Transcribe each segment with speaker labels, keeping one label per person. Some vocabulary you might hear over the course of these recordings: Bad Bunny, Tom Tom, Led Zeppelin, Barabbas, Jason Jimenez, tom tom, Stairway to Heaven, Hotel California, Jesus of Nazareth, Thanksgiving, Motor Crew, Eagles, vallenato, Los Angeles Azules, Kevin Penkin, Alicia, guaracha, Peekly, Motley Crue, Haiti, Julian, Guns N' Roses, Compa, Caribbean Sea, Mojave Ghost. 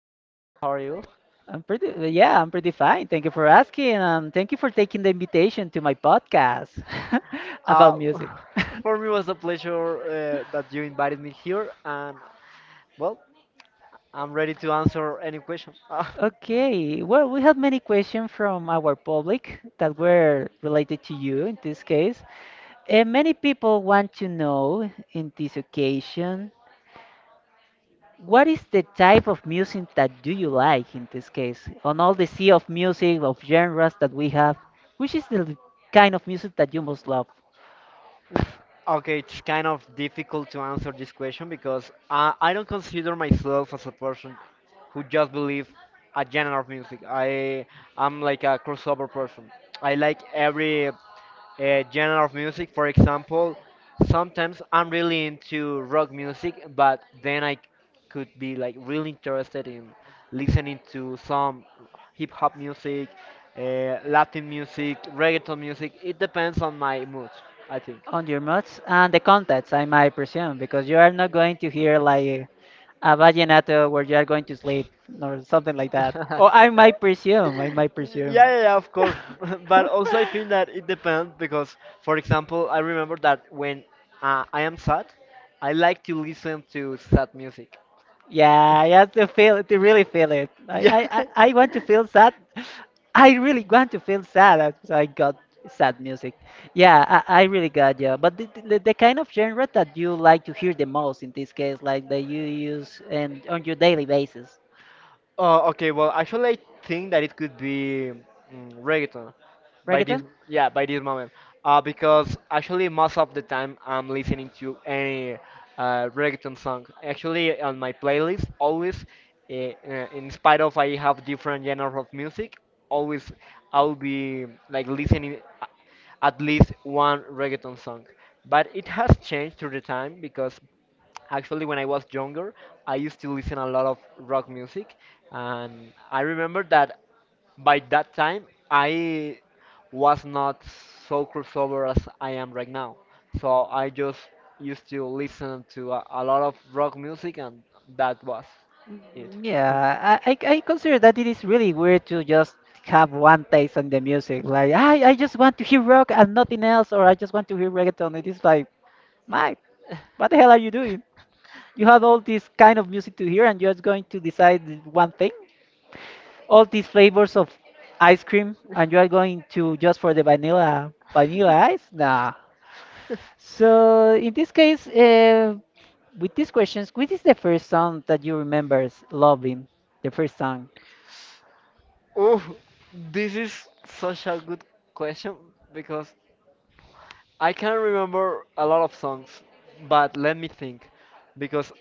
Speaker 1: I'm doing well. How are you?
Speaker 2: Yeah, I'm pretty fine. Thank you for asking, and thank you for taking the invitation to my podcast
Speaker 1: Uh,
Speaker 2: about music.
Speaker 1: for me, it was a pleasure that you invited me here, and well, I'm ready to answer any question.
Speaker 2: Okay, well, we have many questions from our public that were related to you in this case. And many people want to know in this occasion. What is the type of music that do you like in this case? On all the sea of music, of genres that we have, which is the kind of music that you most love?
Speaker 1: Oof. Okay, it's kind of difficult to answer this question because I don't consider myself as a person who just believes a genre of music. I am like a crossover person. I like every genre of music. For example, sometimes I'm really into rock music, but then I could be like really interested in listening to some hip hop music, Latin music, reggaeton music. It depends on my mood, I think.
Speaker 2: On your moods and the context, I might presume, because you are not going to hear like a vallenato where you are going to sleep or something like that.
Speaker 1: yeah,
Speaker 2: Or I might presume.
Speaker 1: yeah, yeah, of course. But also, I think that it depends because, for example, I remember that when I am sad, I like to listen to sad music.
Speaker 2: Yeah, you have to feel it, to really feel it. I,
Speaker 1: Yeah.
Speaker 2: I, I I want to feel sad. I really want to feel sad. So I got sad music. Yeah, I really got you. But the kind of genre that you like to hear the most in this case, like that you use and on your daily basis,
Speaker 1: Oh, okay, well, actually, I think that it could be reggaeton by this,
Speaker 2: reggaeton?
Speaker 1: yeah, by this moment. Because actually, most of the time I'm listening to any reggaeton song. Actually, on my playlist, always, in spite of I have different genres of music, always I'll be like listening a- at least one reggaeton song. But it has changed through the time because actually when I was younger, I used to listen a lot of rock music, and I remember that by that time I was not so crossover as I am right now. So I just used to listen to a lot of rock music and that was it.
Speaker 2: Mm, yeah, I consider that it is really weird to just have one taste on the music. Like, I just want to hear rock and nothing else, or I just want to hear reggaeton. It is like, my, what the hell are you doing? You have all this kind of music to hear, and you're just going to decide one thing? All these flavors of ice cream, and you are going to just for the vanilla ice? Nah. So in this case, with these questions, which is the first song that you remembers loving? The first song.
Speaker 1: Oh, this is such a good question because I can remember a lot of songs, but let me think, because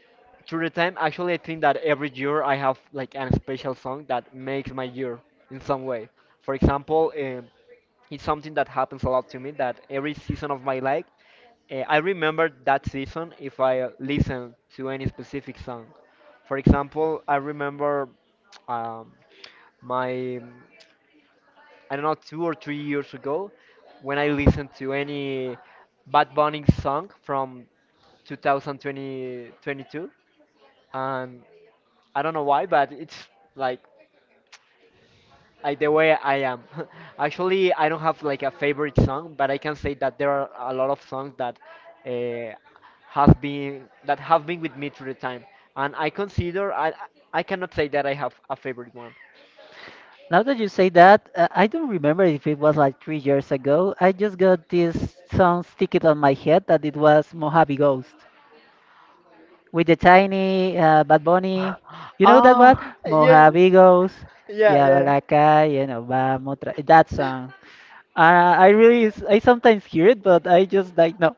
Speaker 1: through the time, actually, I think that every year I have like an special song that makes my year in some way. For example, it's something that happens a lot to me that every season of my life, I remember that season if I listen to any specific song. For example, I remember um, my, um, I don't know, 2 or 3 years ago when I listened to any Bad Bunny song from 2022, and I don't know why, but it's like like the way I am. Actually, I don't have like a favorite song, but I can say that there are a lot of songs that uh, have been that have been with me through the time, and I cannot say that I have a favorite one.
Speaker 2: Now that you say that, I don't remember if it was like 3 years ago. I just got this song stick on my head that it was Mojave Ghost with the tiny Bad Bunny. You know that one?
Speaker 1: Ah, yeah,
Speaker 2: Mojave Ghost.
Speaker 1: yeah, yeah,
Speaker 2: Yeah, a
Speaker 1: yeah,
Speaker 2: la calle, no vamos otra. That song. I sometimes hear it, but I just like no,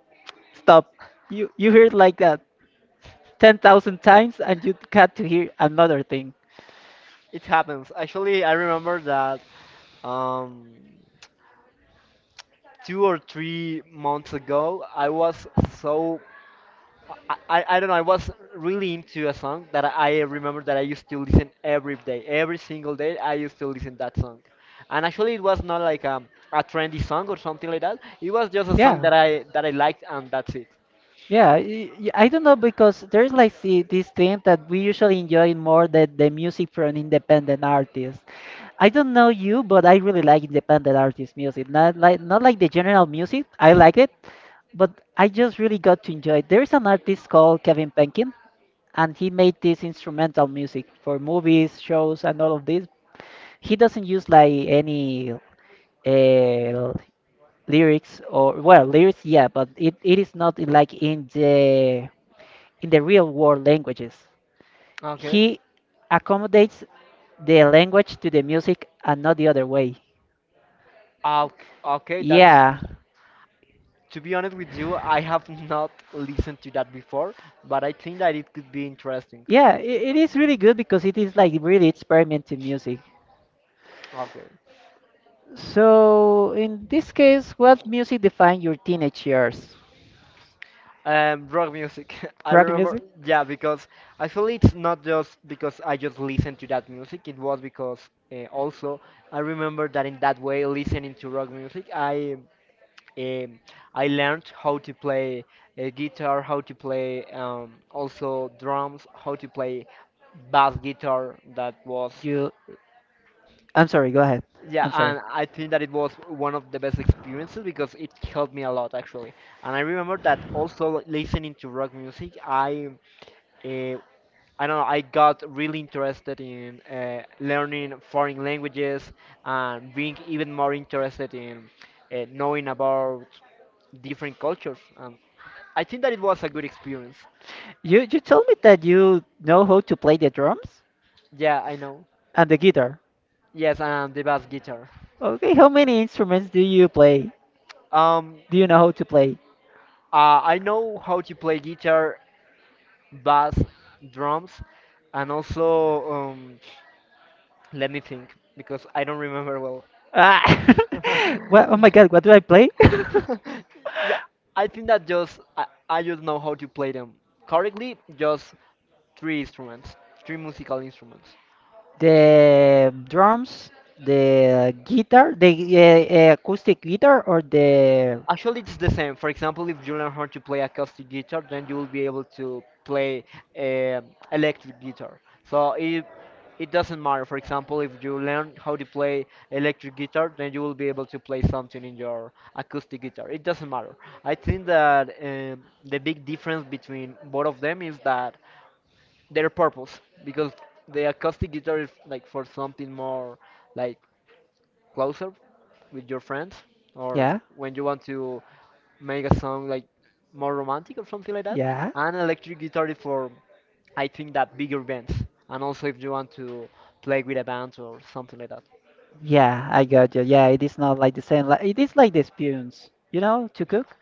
Speaker 2: stop. You hear it like that. 10,000 times and you got to hear another thing.
Speaker 1: it happens. Actually, I remember that um 2 or 3 months ago I was so I don't know. I was really into a song that I remember that I used to listen every day, every single day. I used to listen that song, and actually it was not like a trendy song or something like that. It was just a song
Speaker 2: Yeah.
Speaker 1: that I liked, and that's it.
Speaker 2: Yeah, I don't know because there's like this thing that we usually enjoy more than the music from independent artists. I don't know you, but I really like independent artist music. Not like the general music. I like it, but I just really got to enjoy it. There is an artist called Kevin Penkin, and he made this instrumental music for movies, shows, and all of this. He doesn't use like any uh, lyrics, or well, lyrics, yeah, but it is not like, in the real world languages.
Speaker 1: Okay.
Speaker 2: He accommodates the language to the music and not the other way.
Speaker 1: Okay, okay, that's,
Speaker 2: Yeah,
Speaker 1: to be honest with you, I have not listened to that before, but I think that it could be interesting.
Speaker 2: yeah, it is really good because it is like really experimenting music.
Speaker 1: Okay.
Speaker 2: So in this case, what music defined your teenage years?
Speaker 1: Rock
Speaker 2: Um,
Speaker 1: music. I
Speaker 2: Rock
Speaker 1: remember,
Speaker 2: music?
Speaker 1: yeah, because actually it's not just because I just listened to that music. It was because also I remember that in that way, listening to rock music, um, I learned how to play guitar, how to play also drums, how to play bass guitar. That was
Speaker 2: You. I'm sorry, go ahead.
Speaker 1: yeah,
Speaker 2: I'm sorry.
Speaker 1: and I think that it was one of the best experiences because it helped me a lot actually. And I remember that also listening to rock music, uh, I don't know, I got really interested in learning foreign languages and being even more interested in knowing about different cultures. I think that it was a good experience.
Speaker 2: You told me that you know how to play the drums
Speaker 1: Yeah, I know.
Speaker 2: and the guitar.
Speaker 1: Yes, and the bass guitar.
Speaker 2: Okay, how many instruments do you play?
Speaker 1: Um,
Speaker 2: Do you know how to play?
Speaker 1: I know how to play guitar, bass, drums, and also, let me think because I don't remember well.
Speaker 2: Ah, what? Oh my God, what do I play?
Speaker 1: Yeah, I think that just I just know how to play them correctly. Just three instruments, three musical instruments.
Speaker 2: The drums, the guitar, the acoustic guitar, or the,
Speaker 1: Actually, it's the same. For example, if you learn how to play acoustic guitar, then you will be able to play um electric guitar. So it doesn't matter. For example, if you learn how to play electric guitar, then you will be able to play something in your acoustic guitar. It doesn't matter. I think that the big difference between both of them is that their purpose, because the acoustic guitar is like for something more like closer with your friends, or
Speaker 2: yeah,
Speaker 1: when you want to make a song like more romantic or something like that,
Speaker 2: yeah.
Speaker 1: and electric guitar is for, I think that bigger bands, and also if you want to play with a band or something like that.
Speaker 2: Yeah, I got you. Yeah, it is not like the same. Like it is like the spoons to cook.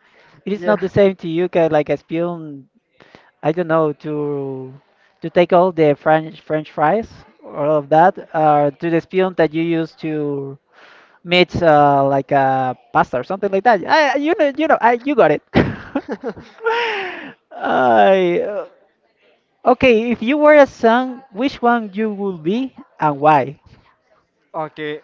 Speaker 2: It is
Speaker 1: Yeah.
Speaker 2: not the same to you, like a spoon. I don't know to take all the French fries, all of that, to the spoon that you use to mix like a pasta or something like that. I, you know, I, you got it. I, uh, okay, if you were a son, which one you would be and why?
Speaker 1: Okay,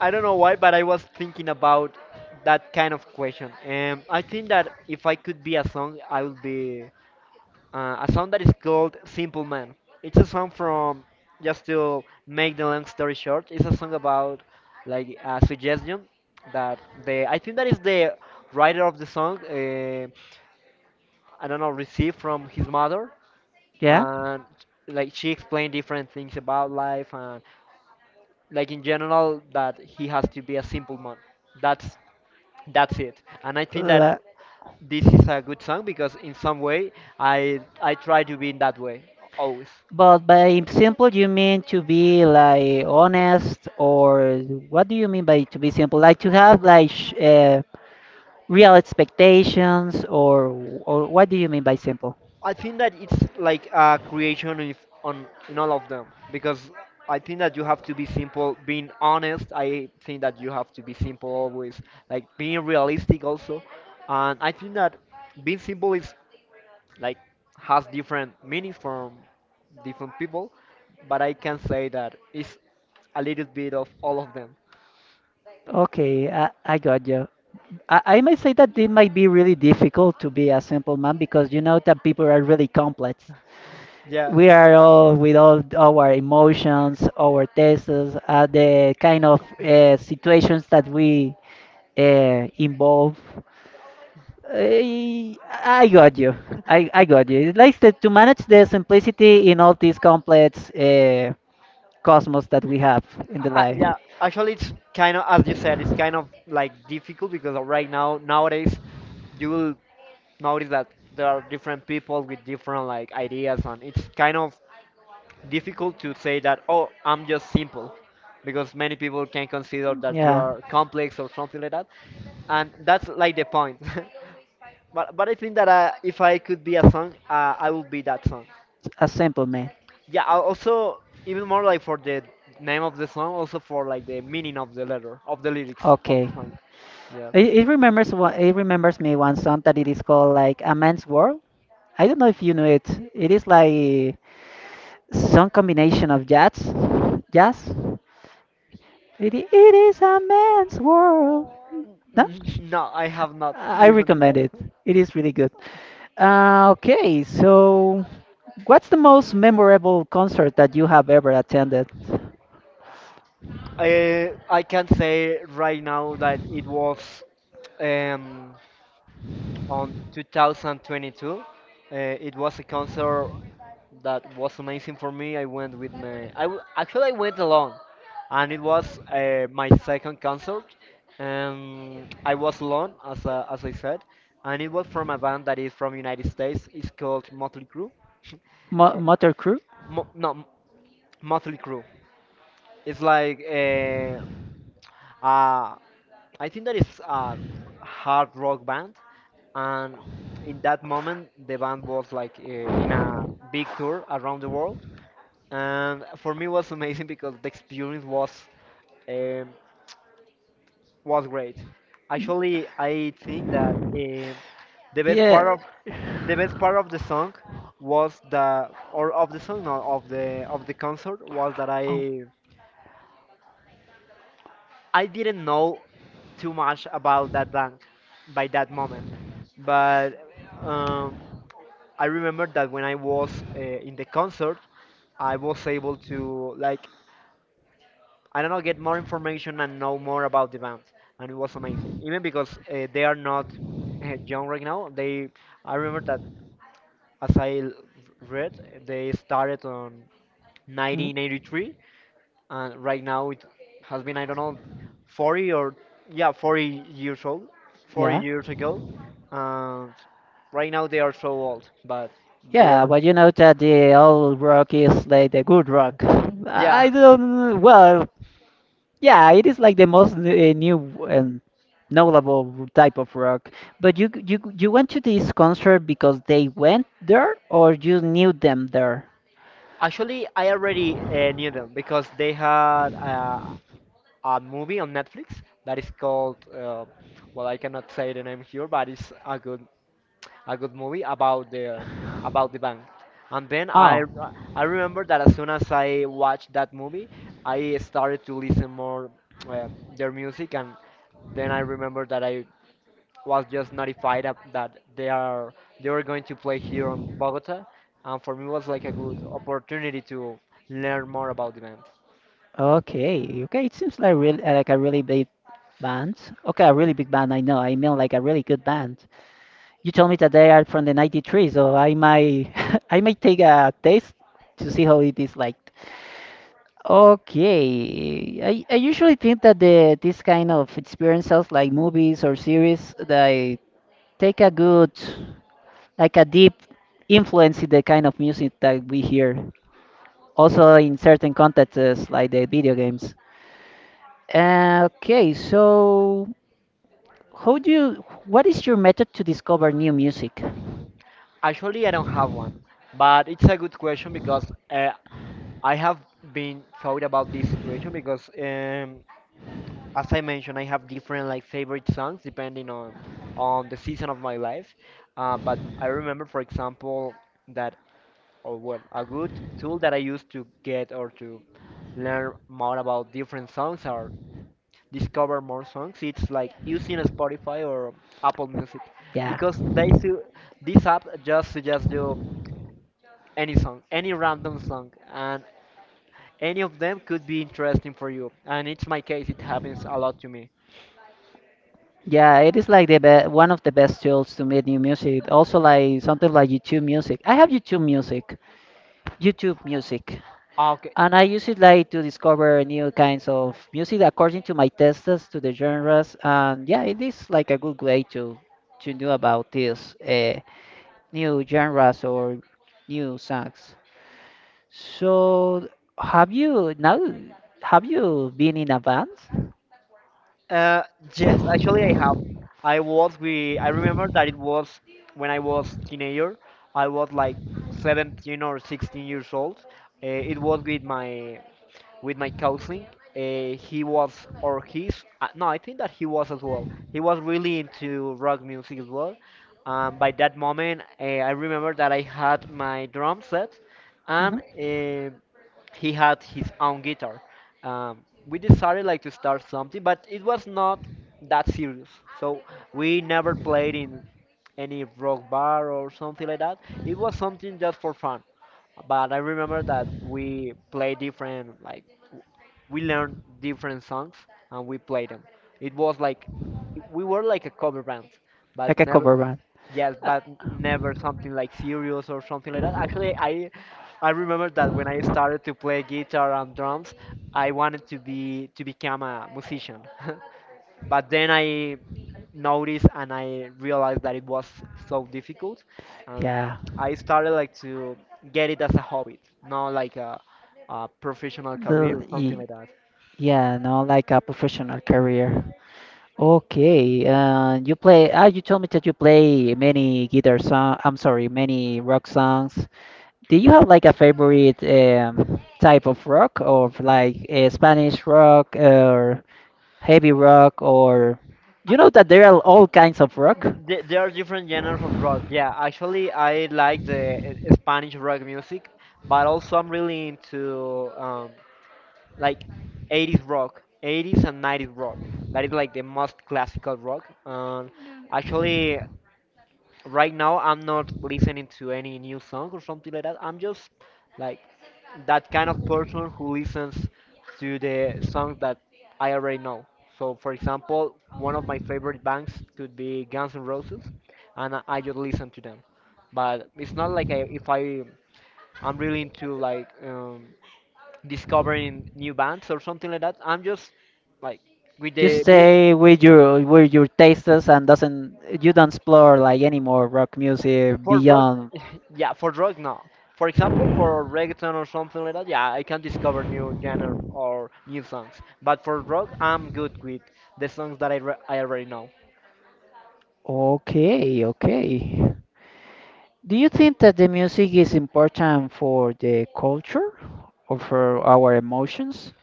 Speaker 1: I don't know why, but I was thinking about that kind of question, and I think that if I could be a song, I would be a song that is called Simple Man. It's a song from, just to make the long story short, it's a song about like a suggestion that the, I think that is the writer of the song, I don't know, received from his mother.
Speaker 2: Yeah.
Speaker 1: And like she explained different things about life and like in general that he has to be a simple man. That's that's it. And I think that
Speaker 2: La-
Speaker 1: this is a good song because in some way I try to be in that way always.
Speaker 2: But by simple, you mean to be like honest, or what do you mean by to be simple? Like to have like sh real expectations, or what do you mean by simple?
Speaker 1: I think that it's like a creation if on in all of them because I think that you have to be simple, being honest. I think that you have to be simple always, like being realistic also, and I think that being simple is like has different meanings from different people, but I can say that it's a little bit of all of them.
Speaker 2: Okay, I got you. I might say that it might be really difficult to be a simple man because you know that people are really complex.
Speaker 1: Yeah.
Speaker 2: We are all with all our emotions, our tastes, the kind of situations that we involve. I, I got you. I got you. It's like to manage the simplicity in all these complex cosmos that we have in the life.
Speaker 1: Yeah, actually, it's kind of as you said, it's kind of like difficult because right now, nowadays, you will notice that there are different people with different like ideas, and it's kind of difficult to say that oh I'm just simple because many people can consider that you
Speaker 2: Yeah.
Speaker 1: are complex or something like that, and that's like the point. But I think that if I could be a song, I would be that song.
Speaker 2: A simple man.
Speaker 1: Yeah, I also, even more like for the name of the song, also for like the meaning of the letter of the lyrics of the
Speaker 2: Okay.
Speaker 1: song. Yeah.
Speaker 2: It remembers what it remembers me one song that it is called like A Man's World. I don't know if you know it. It is like some combination of jazz. It is a man's world. No,
Speaker 1: Mm, no, I have not
Speaker 2: I
Speaker 1: listened to
Speaker 2: recommend
Speaker 1: that.
Speaker 2: it. It is really good. Okay, so what's the most memorable concert that you have ever attended?
Speaker 1: I can say right now that it was um, on 2022. It was a concert that was amazing for me. I went with my. Actually, I went alone, and it was my second concert, and I was alone as I said, and it was from a band that is from United States. It's called Motley Crue. Eh,
Speaker 2: Motor Crew?
Speaker 1: Mo- no, Motley Crue. It's like uh, I think that is a hard rock band, and in that moment, the band was like in a big tour around the world, and for me it was amazing because the experience um, was great. Actually, I think that the best part
Speaker 2: Yeah.
Speaker 1: of the best part of the song was the or of the song no, of the concert was that
Speaker 2: Oh.
Speaker 1: I didn't know too much about that bank by that moment, but um, I remember that when I was in the concert, I was able to like I don't know get more information and know more about the band, and it was amazing. Even because they are not young right now, they I remember that as I l- read, they started on
Speaker 2: Mm,
Speaker 1: 1983, and right now it has been I don't know 40 or yeah 40 years old, 40
Speaker 2: yeah.
Speaker 1: years ago, and right now they are so old but they
Speaker 2: Yeah,
Speaker 1: are
Speaker 2: but you know that the old rock is like the good rock.
Speaker 1: yeah.
Speaker 2: I don't. Well, yeah, it is like the most new and knowable type of rock. But you went to this concert because they went there, or you knew them there?
Speaker 1: Actually, I already knew them because they had a movie on Netflix that is called well I cannot say the name here but it's a good movie about the bank. And then
Speaker 2: Oh.
Speaker 1: I remember that as soon as I watched that movie, I started to listen more uh, their music, and then I remember that I was just notified of- that they are they were going to play here in Bogota, and for me it was like a good opportunity to learn more about the band.
Speaker 2: Okay, okay. It seems like really like a really big band. Okay, a really big band. I know. I mean, like a really good band. You told me that they are from the 93, so I might I might take a taste to see how it is like. Okay. I usually think that the this kind of experiences like movies or series, they take a good, like a deep influence in the kind of music that we hear. Also in certain contexts like the video games. Okay, so how do you what is your method to discover new music?
Speaker 1: Actually, I don't have one, but it's a good question because I have been thought about this situation because as I mentioned, I have different like favorite songs depending on the season of my life. But I remember, for example, that or well, a good tool that I used to get or to learn more about different songs or discover more songs. It's like using Spotify or Apple Music
Speaker 2: Yeah.
Speaker 1: because this app just suggests you any song, any random song, and any of them could be interesting for you. And it's my case; it happens a lot to me.
Speaker 2: Yeah, it is like the be one of the best tools to make new music. Also like something like YouTube Music. I have YouTube Music. YouTube Music.
Speaker 1: Okay.
Speaker 2: And I use it like to discover new kinds of music according to my tastes, to the genres, and yeah, it is like a good way to know about these new genres or new songs. So, have you now? Have you been in a band?
Speaker 1: Uh, yes, actually, I have. I was with. I remember that it was when I was teenager. I was like 17 or 16 years old. It was with my cousin. He was or he's. No, I think that he was as well. He was really into rock music as well. By that moment, I remember that I had my drum set,
Speaker 2: Hmm.
Speaker 1: and he had his own guitar. We decided like to start something, but it was not that serious. So we never played in any rock bar or something like that. It was something just for fun. But I remember that we played different like we learned different songs and we played them. It was like we were like a cover band, but
Speaker 2: Like a
Speaker 1: never.
Speaker 2: cover band?
Speaker 1: Yes,
Speaker 2: Uh,
Speaker 1: but never something like serious or something like that. Actually, I remember that when I started to play guitar and drums, I wanted to become a musician. But then I noticed and I realized that it was so difficult, and
Speaker 2: yeah.
Speaker 1: I started like to get it as a hobby, not like a professional career
Speaker 2: The,
Speaker 1: or something
Speaker 2: y-
Speaker 1: like that.
Speaker 2: yeah, no, like a professional career. Okay, you play. Ah, you told me that you play many guitar song. I'm sorry, many rock songs. Do you have like a favorite type of rock, or like Spanish rock, or heavy rock, or you know that there are all kinds of rock?
Speaker 1: There are different genres of rock. Yeah, actually, I like the Spanish rock music, but also I'm really into like 80s rock, 80s and 90s rock. That is like the most classical rock. And actually, right now I'm not listening to any new song or something like that. I'm just like that kind of person who listens to the songs that I already know. So, for example, one of my favorite bands could be Guns N' Roses, and I just listen to them. But it's not like I, if I I'm really into like discovering new bands or something like that. I'm just like with
Speaker 2: You
Speaker 1: the mu.
Speaker 2: stay with your tastes and doesn't you don't explore like any more rock music
Speaker 1: For rock,
Speaker 2: beyond.
Speaker 1: yeah, for rock, no. For example, for reggaeton or something like that, yeah, I can discover new genres or new songs. But for rock, I'm good with the songs that I already know.
Speaker 2: Okay, okay. Do you think that the music is important for the culture or for our emotions?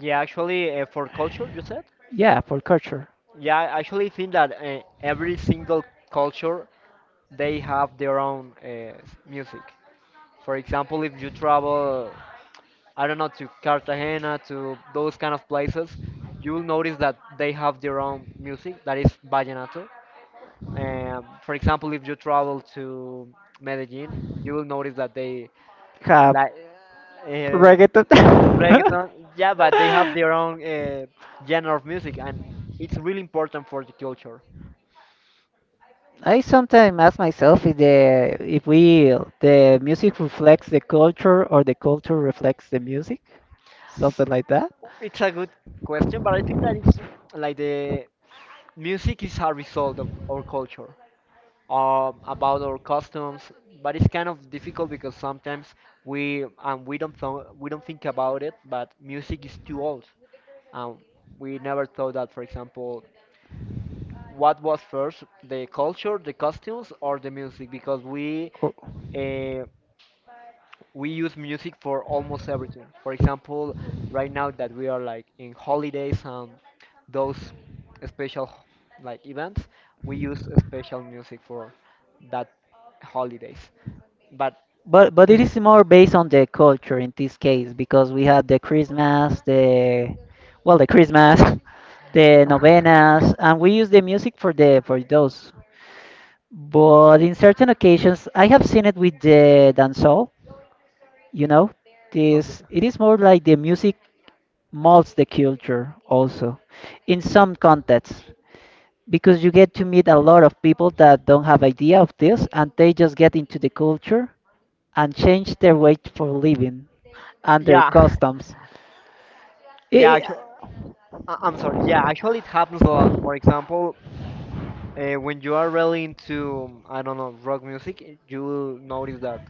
Speaker 1: Yeah, actually, for culture, you said?
Speaker 2: Yeah, for culture.
Speaker 1: Yeah, I actually think that every single culture, they have their own music. For example, if you travel, I don't know, to Cartagena, to those kind of places, you'll notice that they have their own music that is vallenato. For example, if you travel to Medellin, you will notice that they
Speaker 2: Have
Speaker 1: like uh,
Speaker 2: reggaeton.
Speaker 1: reggaeton. Yeah, but they have their own genre of music, and it's really important for the culture.
Speaker 2: I sometimes ask myself if the if we the music reflects the culture or the culture reflects the music, something like that.
Speaker 1: It's a good question, but I think that it's like the music is a result of our culture, about our customs. But it's kind of difficult because sometimes we and we don't th- we don't think about it. But music is too old. Um, we never thought that, for example, what was first, the culture, the costumes, or the music, because
Speaker 2: Or-
Speaker 1: uh, we use music for almost everything. For example, right now that we are like in holidays and those special like events, we use special music for that holidays. But
Speaker 2: but it
Speaker 1: okay.
Speaker 2: is more based on the culture in this case because we had the Christmas, the well, the Christmas, the novenas, and we use the music for the for those. But in certain occasions, I have seen it with the dancehall. You know, this it is more like the music molds the culture also in some contexts because you get to meet a lot of people that don't have idea of this and they just get into the culture and change their way for living and their
Speaker 1: Yeah,
Speaker 2: customs.
Speaker 1: yeah.
Speaker 2: I-
Speaker 1: Actually, I'm sorry. Yeah, actually, it happens a lot. For example, when you are really into, I don't know, rock music, you will notice that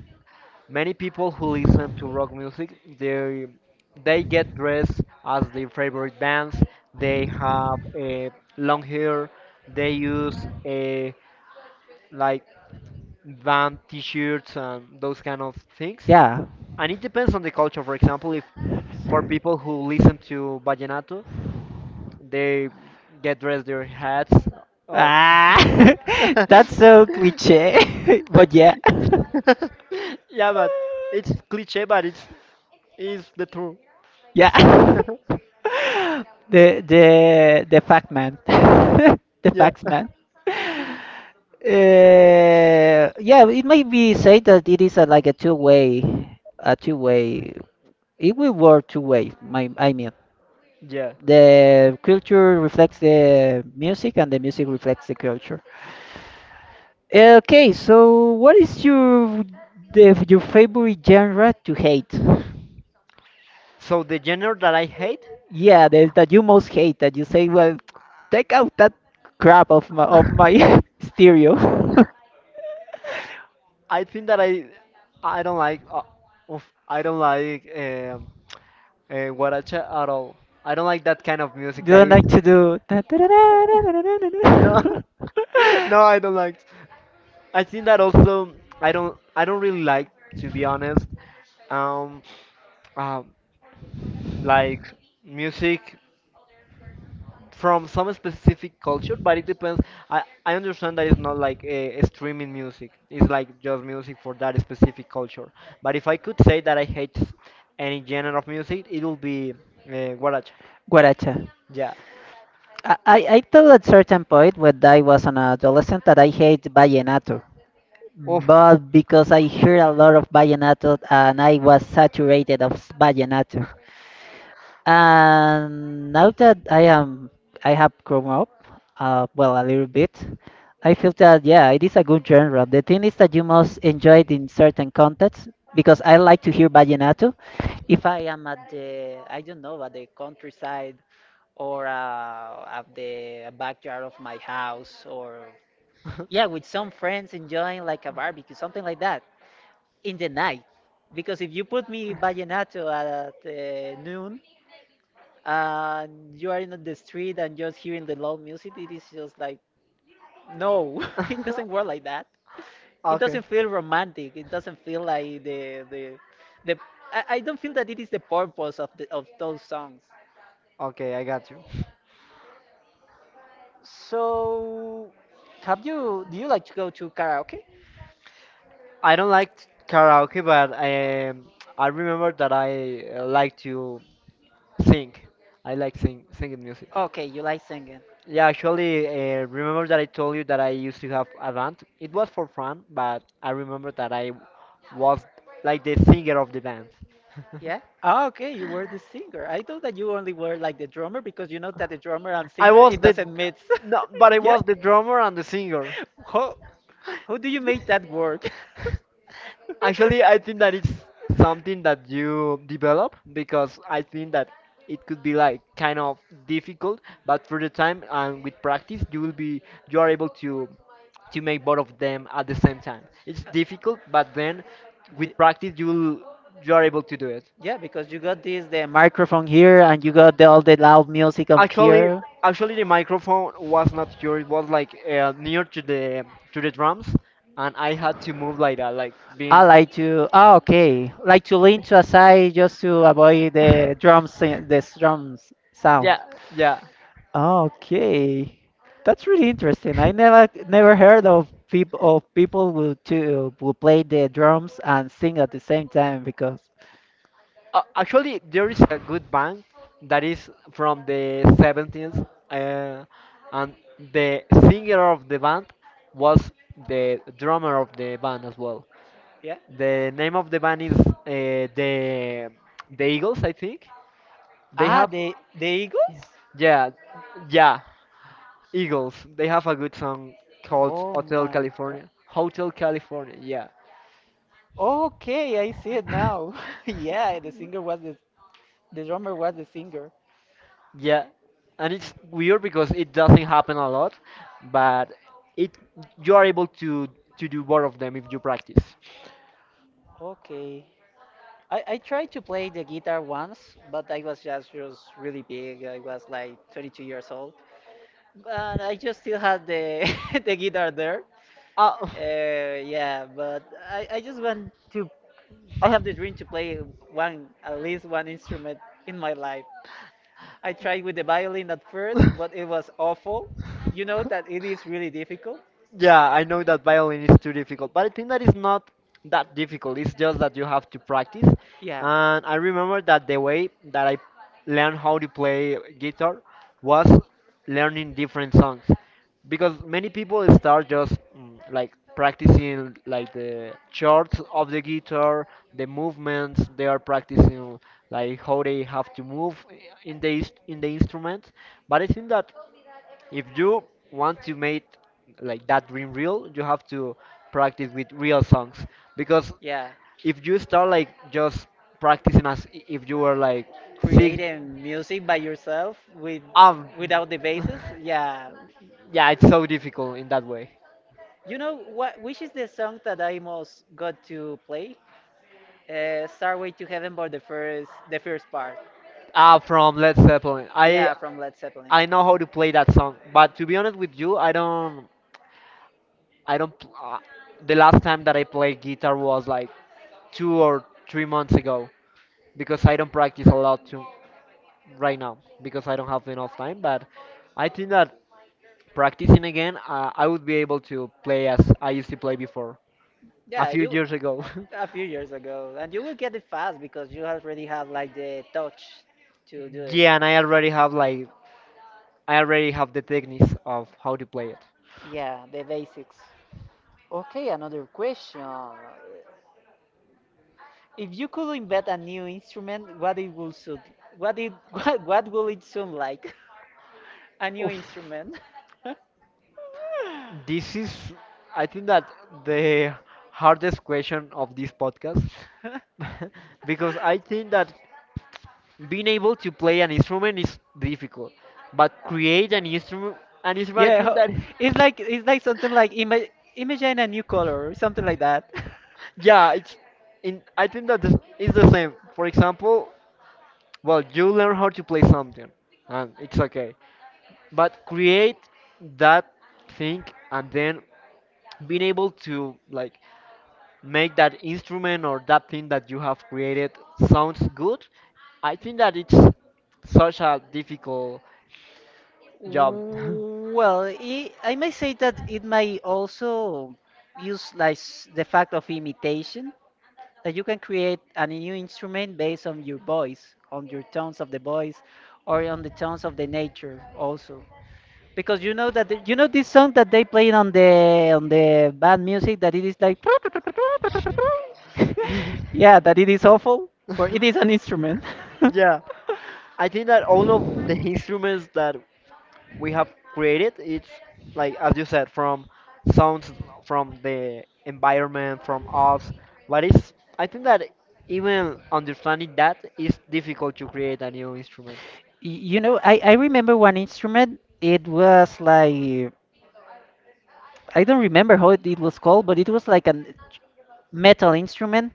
Speaker 1: many people who listen to rock music, they get dressed as their favorite bands. They have long hair. They use like band t-shirts and those kind of things.
Speaker 2: yeah.
Speaker 1: And it depends on the culture. For example, if for people who listen to vallenato, they get dressed their hats off.
Speaker 2: Ah, that's so cliche, but yeah.
Speaker 1: Yeah, but it's cliche, but it's is the truth.
Speaker 2: Yeah. The fact man. The
Speaker 1: Yeah,
Speaker 2: facts man. Yeah, it might be said that it is like a two-way, a two-way. It will work two-way. I mean,
Speaker 1: yeah.
Speaker 2: the culture reflects the music, and the music reflects the culture. Okay, so what is your favorite genre to hate?
Speaker 1: So the genre that I hate,
Speaker 2: Yeah, there's that you most hate that you say, well, take out that crap of my stereo.
Speaker 1: I think that I don't like oof, I don't like um, guaracha at all. I don't like that kind of music.
Speaker 2: You
Speaker 1: That
Speaker 2: don't
Speaker 1: is
Speaker 2: like to do. Da- da- da- da- da- da- da-
Speaker 1: no,
Speaker 2: da- da.
Speaker 1: no, I don't like. I think that also I don't really like, to be honest. Um, um, like music from some specific culture, but it depends. I understand that it's not like a streaming music. It's like just music for that specific culture. But if I could say that I hate any genre of music, it will be guaracha.
Speaker 2: Guaracha.
Speaker 1: Yeah.
Speaker 2: I thought at certain point when I was an adolescent that I hate vallenato.
Speaker 1: Oof.
Speaker 2: But because I heard a lot of vallenato and I was saturated of vallenato. And now that I am, I have grown up, well, a little bit, I feel that yeah, it is a good genre. The thing is that you must enjoy it in certain contexts because I like to hear vallenato. If I am at the, I don't know, at the countryside or at the backyard of my house or yeah, with some friends enjoying like a barbecue, something like that in the night. Because if you put me vallenato at noon and you are in the street and just hearing the loud music, it is just like no. It doesn't work like that. It
Speaker 1: Okay.
Speaker 2: doesn't feel romantic. It doesn't feel like the I don't feel that it is the purpose of the of those songs.
Speaker 1: Okay, I got you.
Speaker 2: So have you do you like to go to karaoke?
Speaker 1: I don't like karaoke, but I remember that I like to sing. I like singing music.
Speaker 2: Okay, you like singing.
Speaker 1: Yeah, actually, remember that I told you that I used to have a band. It was for fun, but I remember that I was like the singer of the band.
Speaker 2: Yeah. Ah, okay. You were the singer. I thought that you only were like the drummer because you know that the drummer and
Speaker 1: I
Speaker 2: singer,
Speaker 1: was
Speaker 2: it
Speaker 1: the
Speaker 2: doesn't mix.
Speaker 1: No, but I
Speaker 2: Yeah.
Speaker 1: was the drummer and the singer.
Speaker 2: How how do you make that work?
Speaker 1: Actually, I think that it's something that you develop because I think that it could be like kind of difficult, but through the time and with practice, you will be you are able to make both of them at the same time. It's difficult, but then
Speaker 2: Ye-
Speaker 1: with practice, you are able to do it.
Speaker 2: Yeah, because you got this the microphone here and you got the, all the loud music up
Speaker 1: Actually,
Speaker 2: here.
Speaker 1: actually, the microphone was not here. It was like near to the drums, and I had to move like that, like
Speaker 2: I
Speaker 1: being.
Speaker 2: like to. Ah, okay. Like to lean to a side just to avoid the drums sound.
Speaker 1: Yeah, yeah.
Speaker 2: Okay, that's really interesting. I never heard of people who play the drums and sing at the same time. Because
Speaker 1: Actually, there is a good band that is from the 70s, uh, and the singer of the band was the drummer of the band as well.
Speaker 2: yeah.
Speaker 1: The name of the band is the Eagles, I think. They
Speaker 2: Ah,
Speaker 1: have,
Speaker 2: the Eagles.
Speaker 1: yeah, yeah, Eagles. They have a good song called
Speaker 2: Oh
Speaker 1: Hotel
Speaker 2: my God.
Speaker 1: California. Hotel California, yeah.
Speaker 2: Okay, I see it now. Yeah, the drummer was the singer.
Speaker 1: Yeah, and it's weird because it doesn't happen a lot, but it you are able to do both of them if you practice.
Speaker 2: Okay. I tried to play the guitar once, but I was just really big. I was like 22 years old. But I just still had the, the guitar there.
Speaker 1: Uh,
Speaker 2: Yeah, but I just I have the dream to play at least one instrument in my life. I tried with the violin at first, but it was awful. You know that it is really difficult.
Speaker 1: Yeah, I know that violin is too difficult, but I think that it's not that difficult. It's just that you have to practice.
Speaker 2: Yeah.
Speaker 1: And I remember that the way that I learned how to play guitar was learning different songs, because many people start just like practicing like the chords of the guitar, the movements they are practicing, like how they have to move in the instrument. But I think that if you want to make like that dream real, you have to practice with real songs because
Speaker 2: Yeah.
Speaker 1: if you start like just practicing as if you were like six,
Speaker 2: Creating music by yourself with
Speaker 1: um,
Speaker 2: without the basis. Yeah.
Speaker 1: yeah, it's so difficult in that way.
Speaker 2: You know what? Which is the song that I most got to play? Starway to Heaven, but the first part.
Speaker 1: Ah, from Led Zeppelin. I
Speaker 2: Yeah, from Led Zeppelin.
Speaker 1: I know how to play that song, but to be honest with you, I don't. I don't. The last time that I played guitar was like 2 or 3 months ago because I don't practice a lot right now because I don't have enough time. But I think that practicing again, I would be able to play as I used to play before a
Speaker 2: Yeah,
Speaker 1: few
Speaker 2: you
Speaker 1: years ago.
Speaker 2: a few years ago, and you will get it fast because you already have like the touch to do it.
Speaker 1: Yeah, and I already have the techniques of how to play it.
Speaker 2: Yeah, the basics. Okay, another question. If you could invent a new instrument, what it will sound, what it, what will it sound like? A new
Speaker 1: Oof.
Speaker 2: instrument.
Speaker 1: This is, I think that, the hardest question of this podcast. Because I think that being able to play an instrument is difficult, but create an instrument, I
Speaker 2: Yeah,
Speaker 1: think that.
Speaker 2: it's like something like imagine a new color, something like that.
Speaker 1: Yeah, it's in. I think that this is the same. For example, well, you learn how to play something, and it's okay. But create that thing, and then being able to like make that instrument or that thing that you have created sounds good. I think that it's such a difficult job.
Speaker 2: Well, I may say that it may also use like the fact of imitation, that you can create a new instrument based on your voice, on your tones of the voice, or on the tones of the nature also. Because you know that this song that they play on the bad music that it is like yeah, that it is awful, but it is an instrument.
Speaker 1: Yeah. I think that all of the instruments that we have created, it's like as you said, from sounds from the environment, from us. But it's, I think that, even understanding that is difficult to create a new instrument.
Speaker 2: You know, I remember one instrument. It was like, I don't remember how it was called, but it was like a metal instrument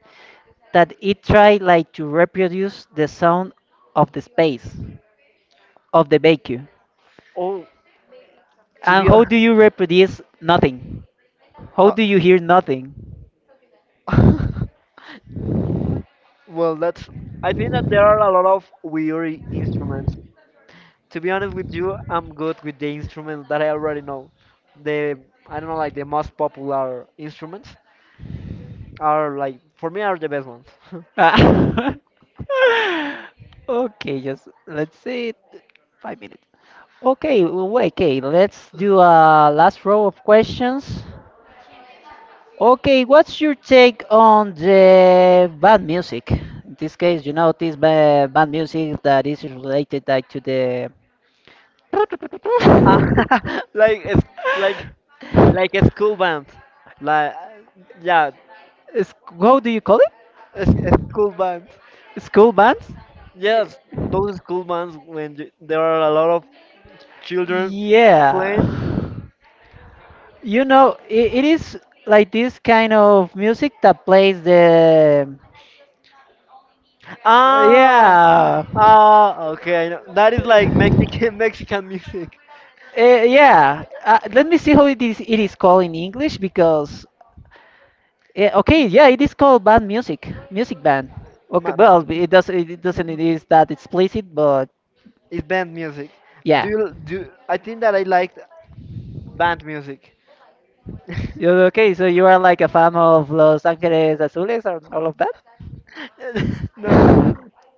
Speaker 2: that it tried like to reproduce the sound of the space, of the vacuum.
Speaker 1: Oh, to be
Speaker 2: And how
Speaker 1: hon-
Speaker 2: do you reproduce nothing? How do you hear nothing?
Speaker 1: uh, well, that's I think that there are a lot of weird instruments. To be honest with you, I'm good with the instruments that I already know. The I don't know, like, the most popular instruments are, like for me, are the best ones.
Speaker 2: Ah. Okay, just let's say 5 minutes. Okay, wait, okay, let's do a last row of questions. Okay, what's your take on the bad music? In this case, you know, this bad music that is related like, to the.
Speaker 1: Ah, like it's like like a school band. Like, yeah,
Speaker 2: Is- How do you call it?
Speaker 1: it's a school band.
Speaker 2: School bands?
Speaker 1: Yes, those school bands when you, there are a lot of children
Speaker 2: Yeah.
Speaker 1: playing.
Speaker 2: You know, it is like this kind of music that plays the.
Speaker 1: Ah,
Speaker 2: Yeah.
Speaker 1: ah, okay. I know. That is like Mexican Mexican music.
Speaker 2: Yeah, let me see how it is called in English because okay, yeah, it is called band music, music band. Okay,
Speaker 1: Ma
Speaker 2: well, it doesn't, it is that explicit, but
Speaker 1: It's band music. Do
Speaker 2: yeah.
Speaker 1: you, do I think that I liked band music?
Speaker 2: Okay, so you are like a fan of Los Angeles Azules and all of that?
Speaker 1: No, no, no.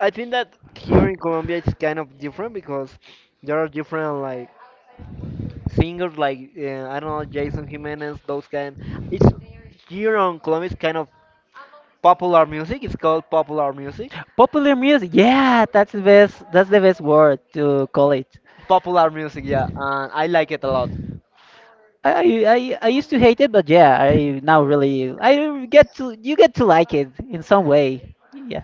Speaker 1: I think that here in Colombia it's kind of different because there are different like singers like I don't know Jason Jimenez those kind. It's Here on Colombia it's kind of popular music. It's called popular music.
Speaker 2: Popular music, yeah, that's the best word to call it.
Speaker 1: Popular music, yeah, and I like it a lot.
Speaker 2: I used to hate it, but yeah, I now really I get to you get to like it in some way. Yeah,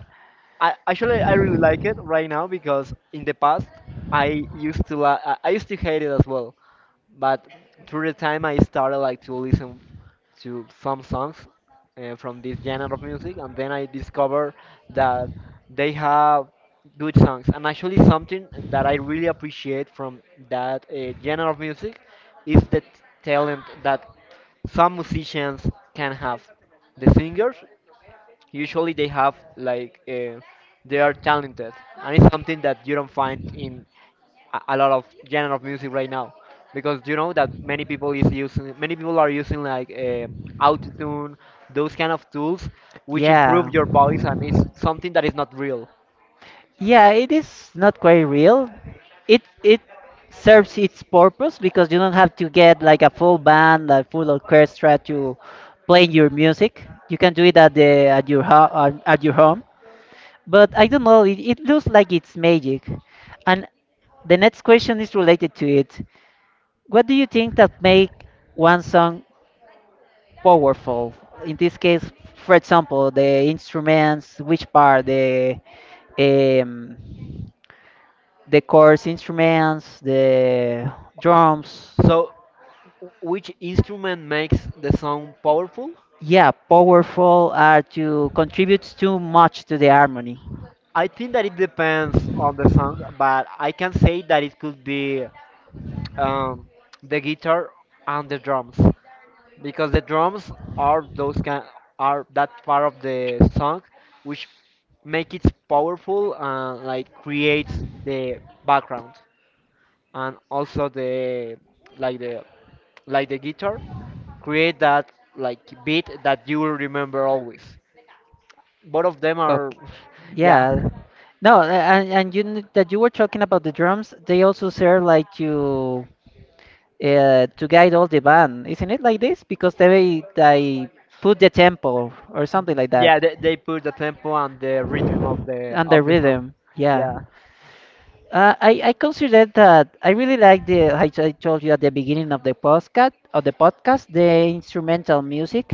Speaker 1: I actually, I really like it right now because in the past I used to hate it as well, but through the time I started like to listen to some songs from this genre of music, and then I discovered that they have good songs. And actually, something that I really appreciate from that genre of music is the talent that some musicians can have. The singers usually they have like they are talented, and it's something that you don't find in a lot of genre of music right now because you know that many people are using like autotune, those kind of tools which improve
Speaker 2: yeah,
Speaker 1: your voice, and it's something that is not real.
Speaker 2: yeah. It is not quite real. It serves its purpose because you don't have to get like a full band, like full orchestra to play your music. You can do it at the at your ho at your home. But I don't know. It looks like it's magic, and the next question is related to it. What do you think that make one song powerful? In this case, for example, the instruments, which part, um, the chorus instruments, the drums.
Speaker 1: So which instrument makes the song powerful?
Speaker 2: Yeah, powerful are to contribute too much to the harmony.
Speaker 1: I think that it depends on the song, but I can say that it could be um, the guitar and the drums, because the drums are those kind are that part of the song which make it powerful and like creates the background, and also like the the guitar create that like beat that you will remember always. Both of them are.
Speaker 2: Okay.
Speaker 1: Yeah,
Speaker 2: Yeah. No, and you that you were talking about the drums, they also serve like to guide all the band. Isn't it like this? Because they put the tempo or something like that
Speaker 1: yeah, they put the tempo and the rhythm of the
Speaker 2: and the
Speaker 1: of the song.
Speaker 2: rhythm. Yeah.
Speaker 1: Yeah,
Speaker 2: I consider that I really like the I told you at the beginning of the podcast the instrumental music.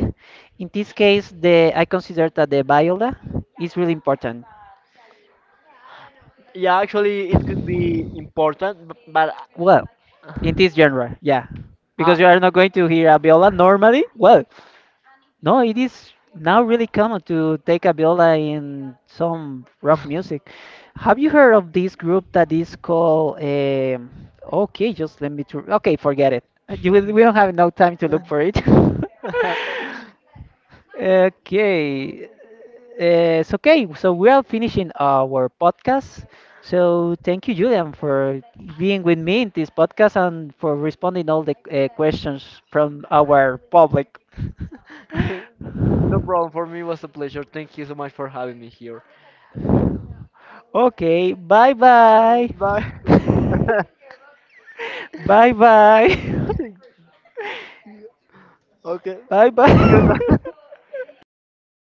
Speaker 2: In this case, the I consider that the viola is really important.
Speaker 1: yeah, actually it could be important, but
Speaker 2: Well, in this genre, yeah,
Speaker 1: Uh,
Speaker 2: because you are not going to hear a viola normally. Well, no, it is now really common to take a viola in some rock music. Have you heard of this group that is called? Okay, just let me. Okay, forget it. You will, we don't have no time to look for it. Okay. It's okay. So we are finishing our podcast. So thank you, Julian, for being with me in this podcast and for responding all the questions from our public.
Speaker 1: no problem. For me, it was a pleasure. Thank you so much for having me here.
Speaker 2: Okay, bye bye.
Speaker 1: Bye.
Speaker 2: Bye bye.
Speaker 1: Okay.
Speaker 2: Bye
Speaker 1: Good
Speaker 2: bye.
Speaker 1: night.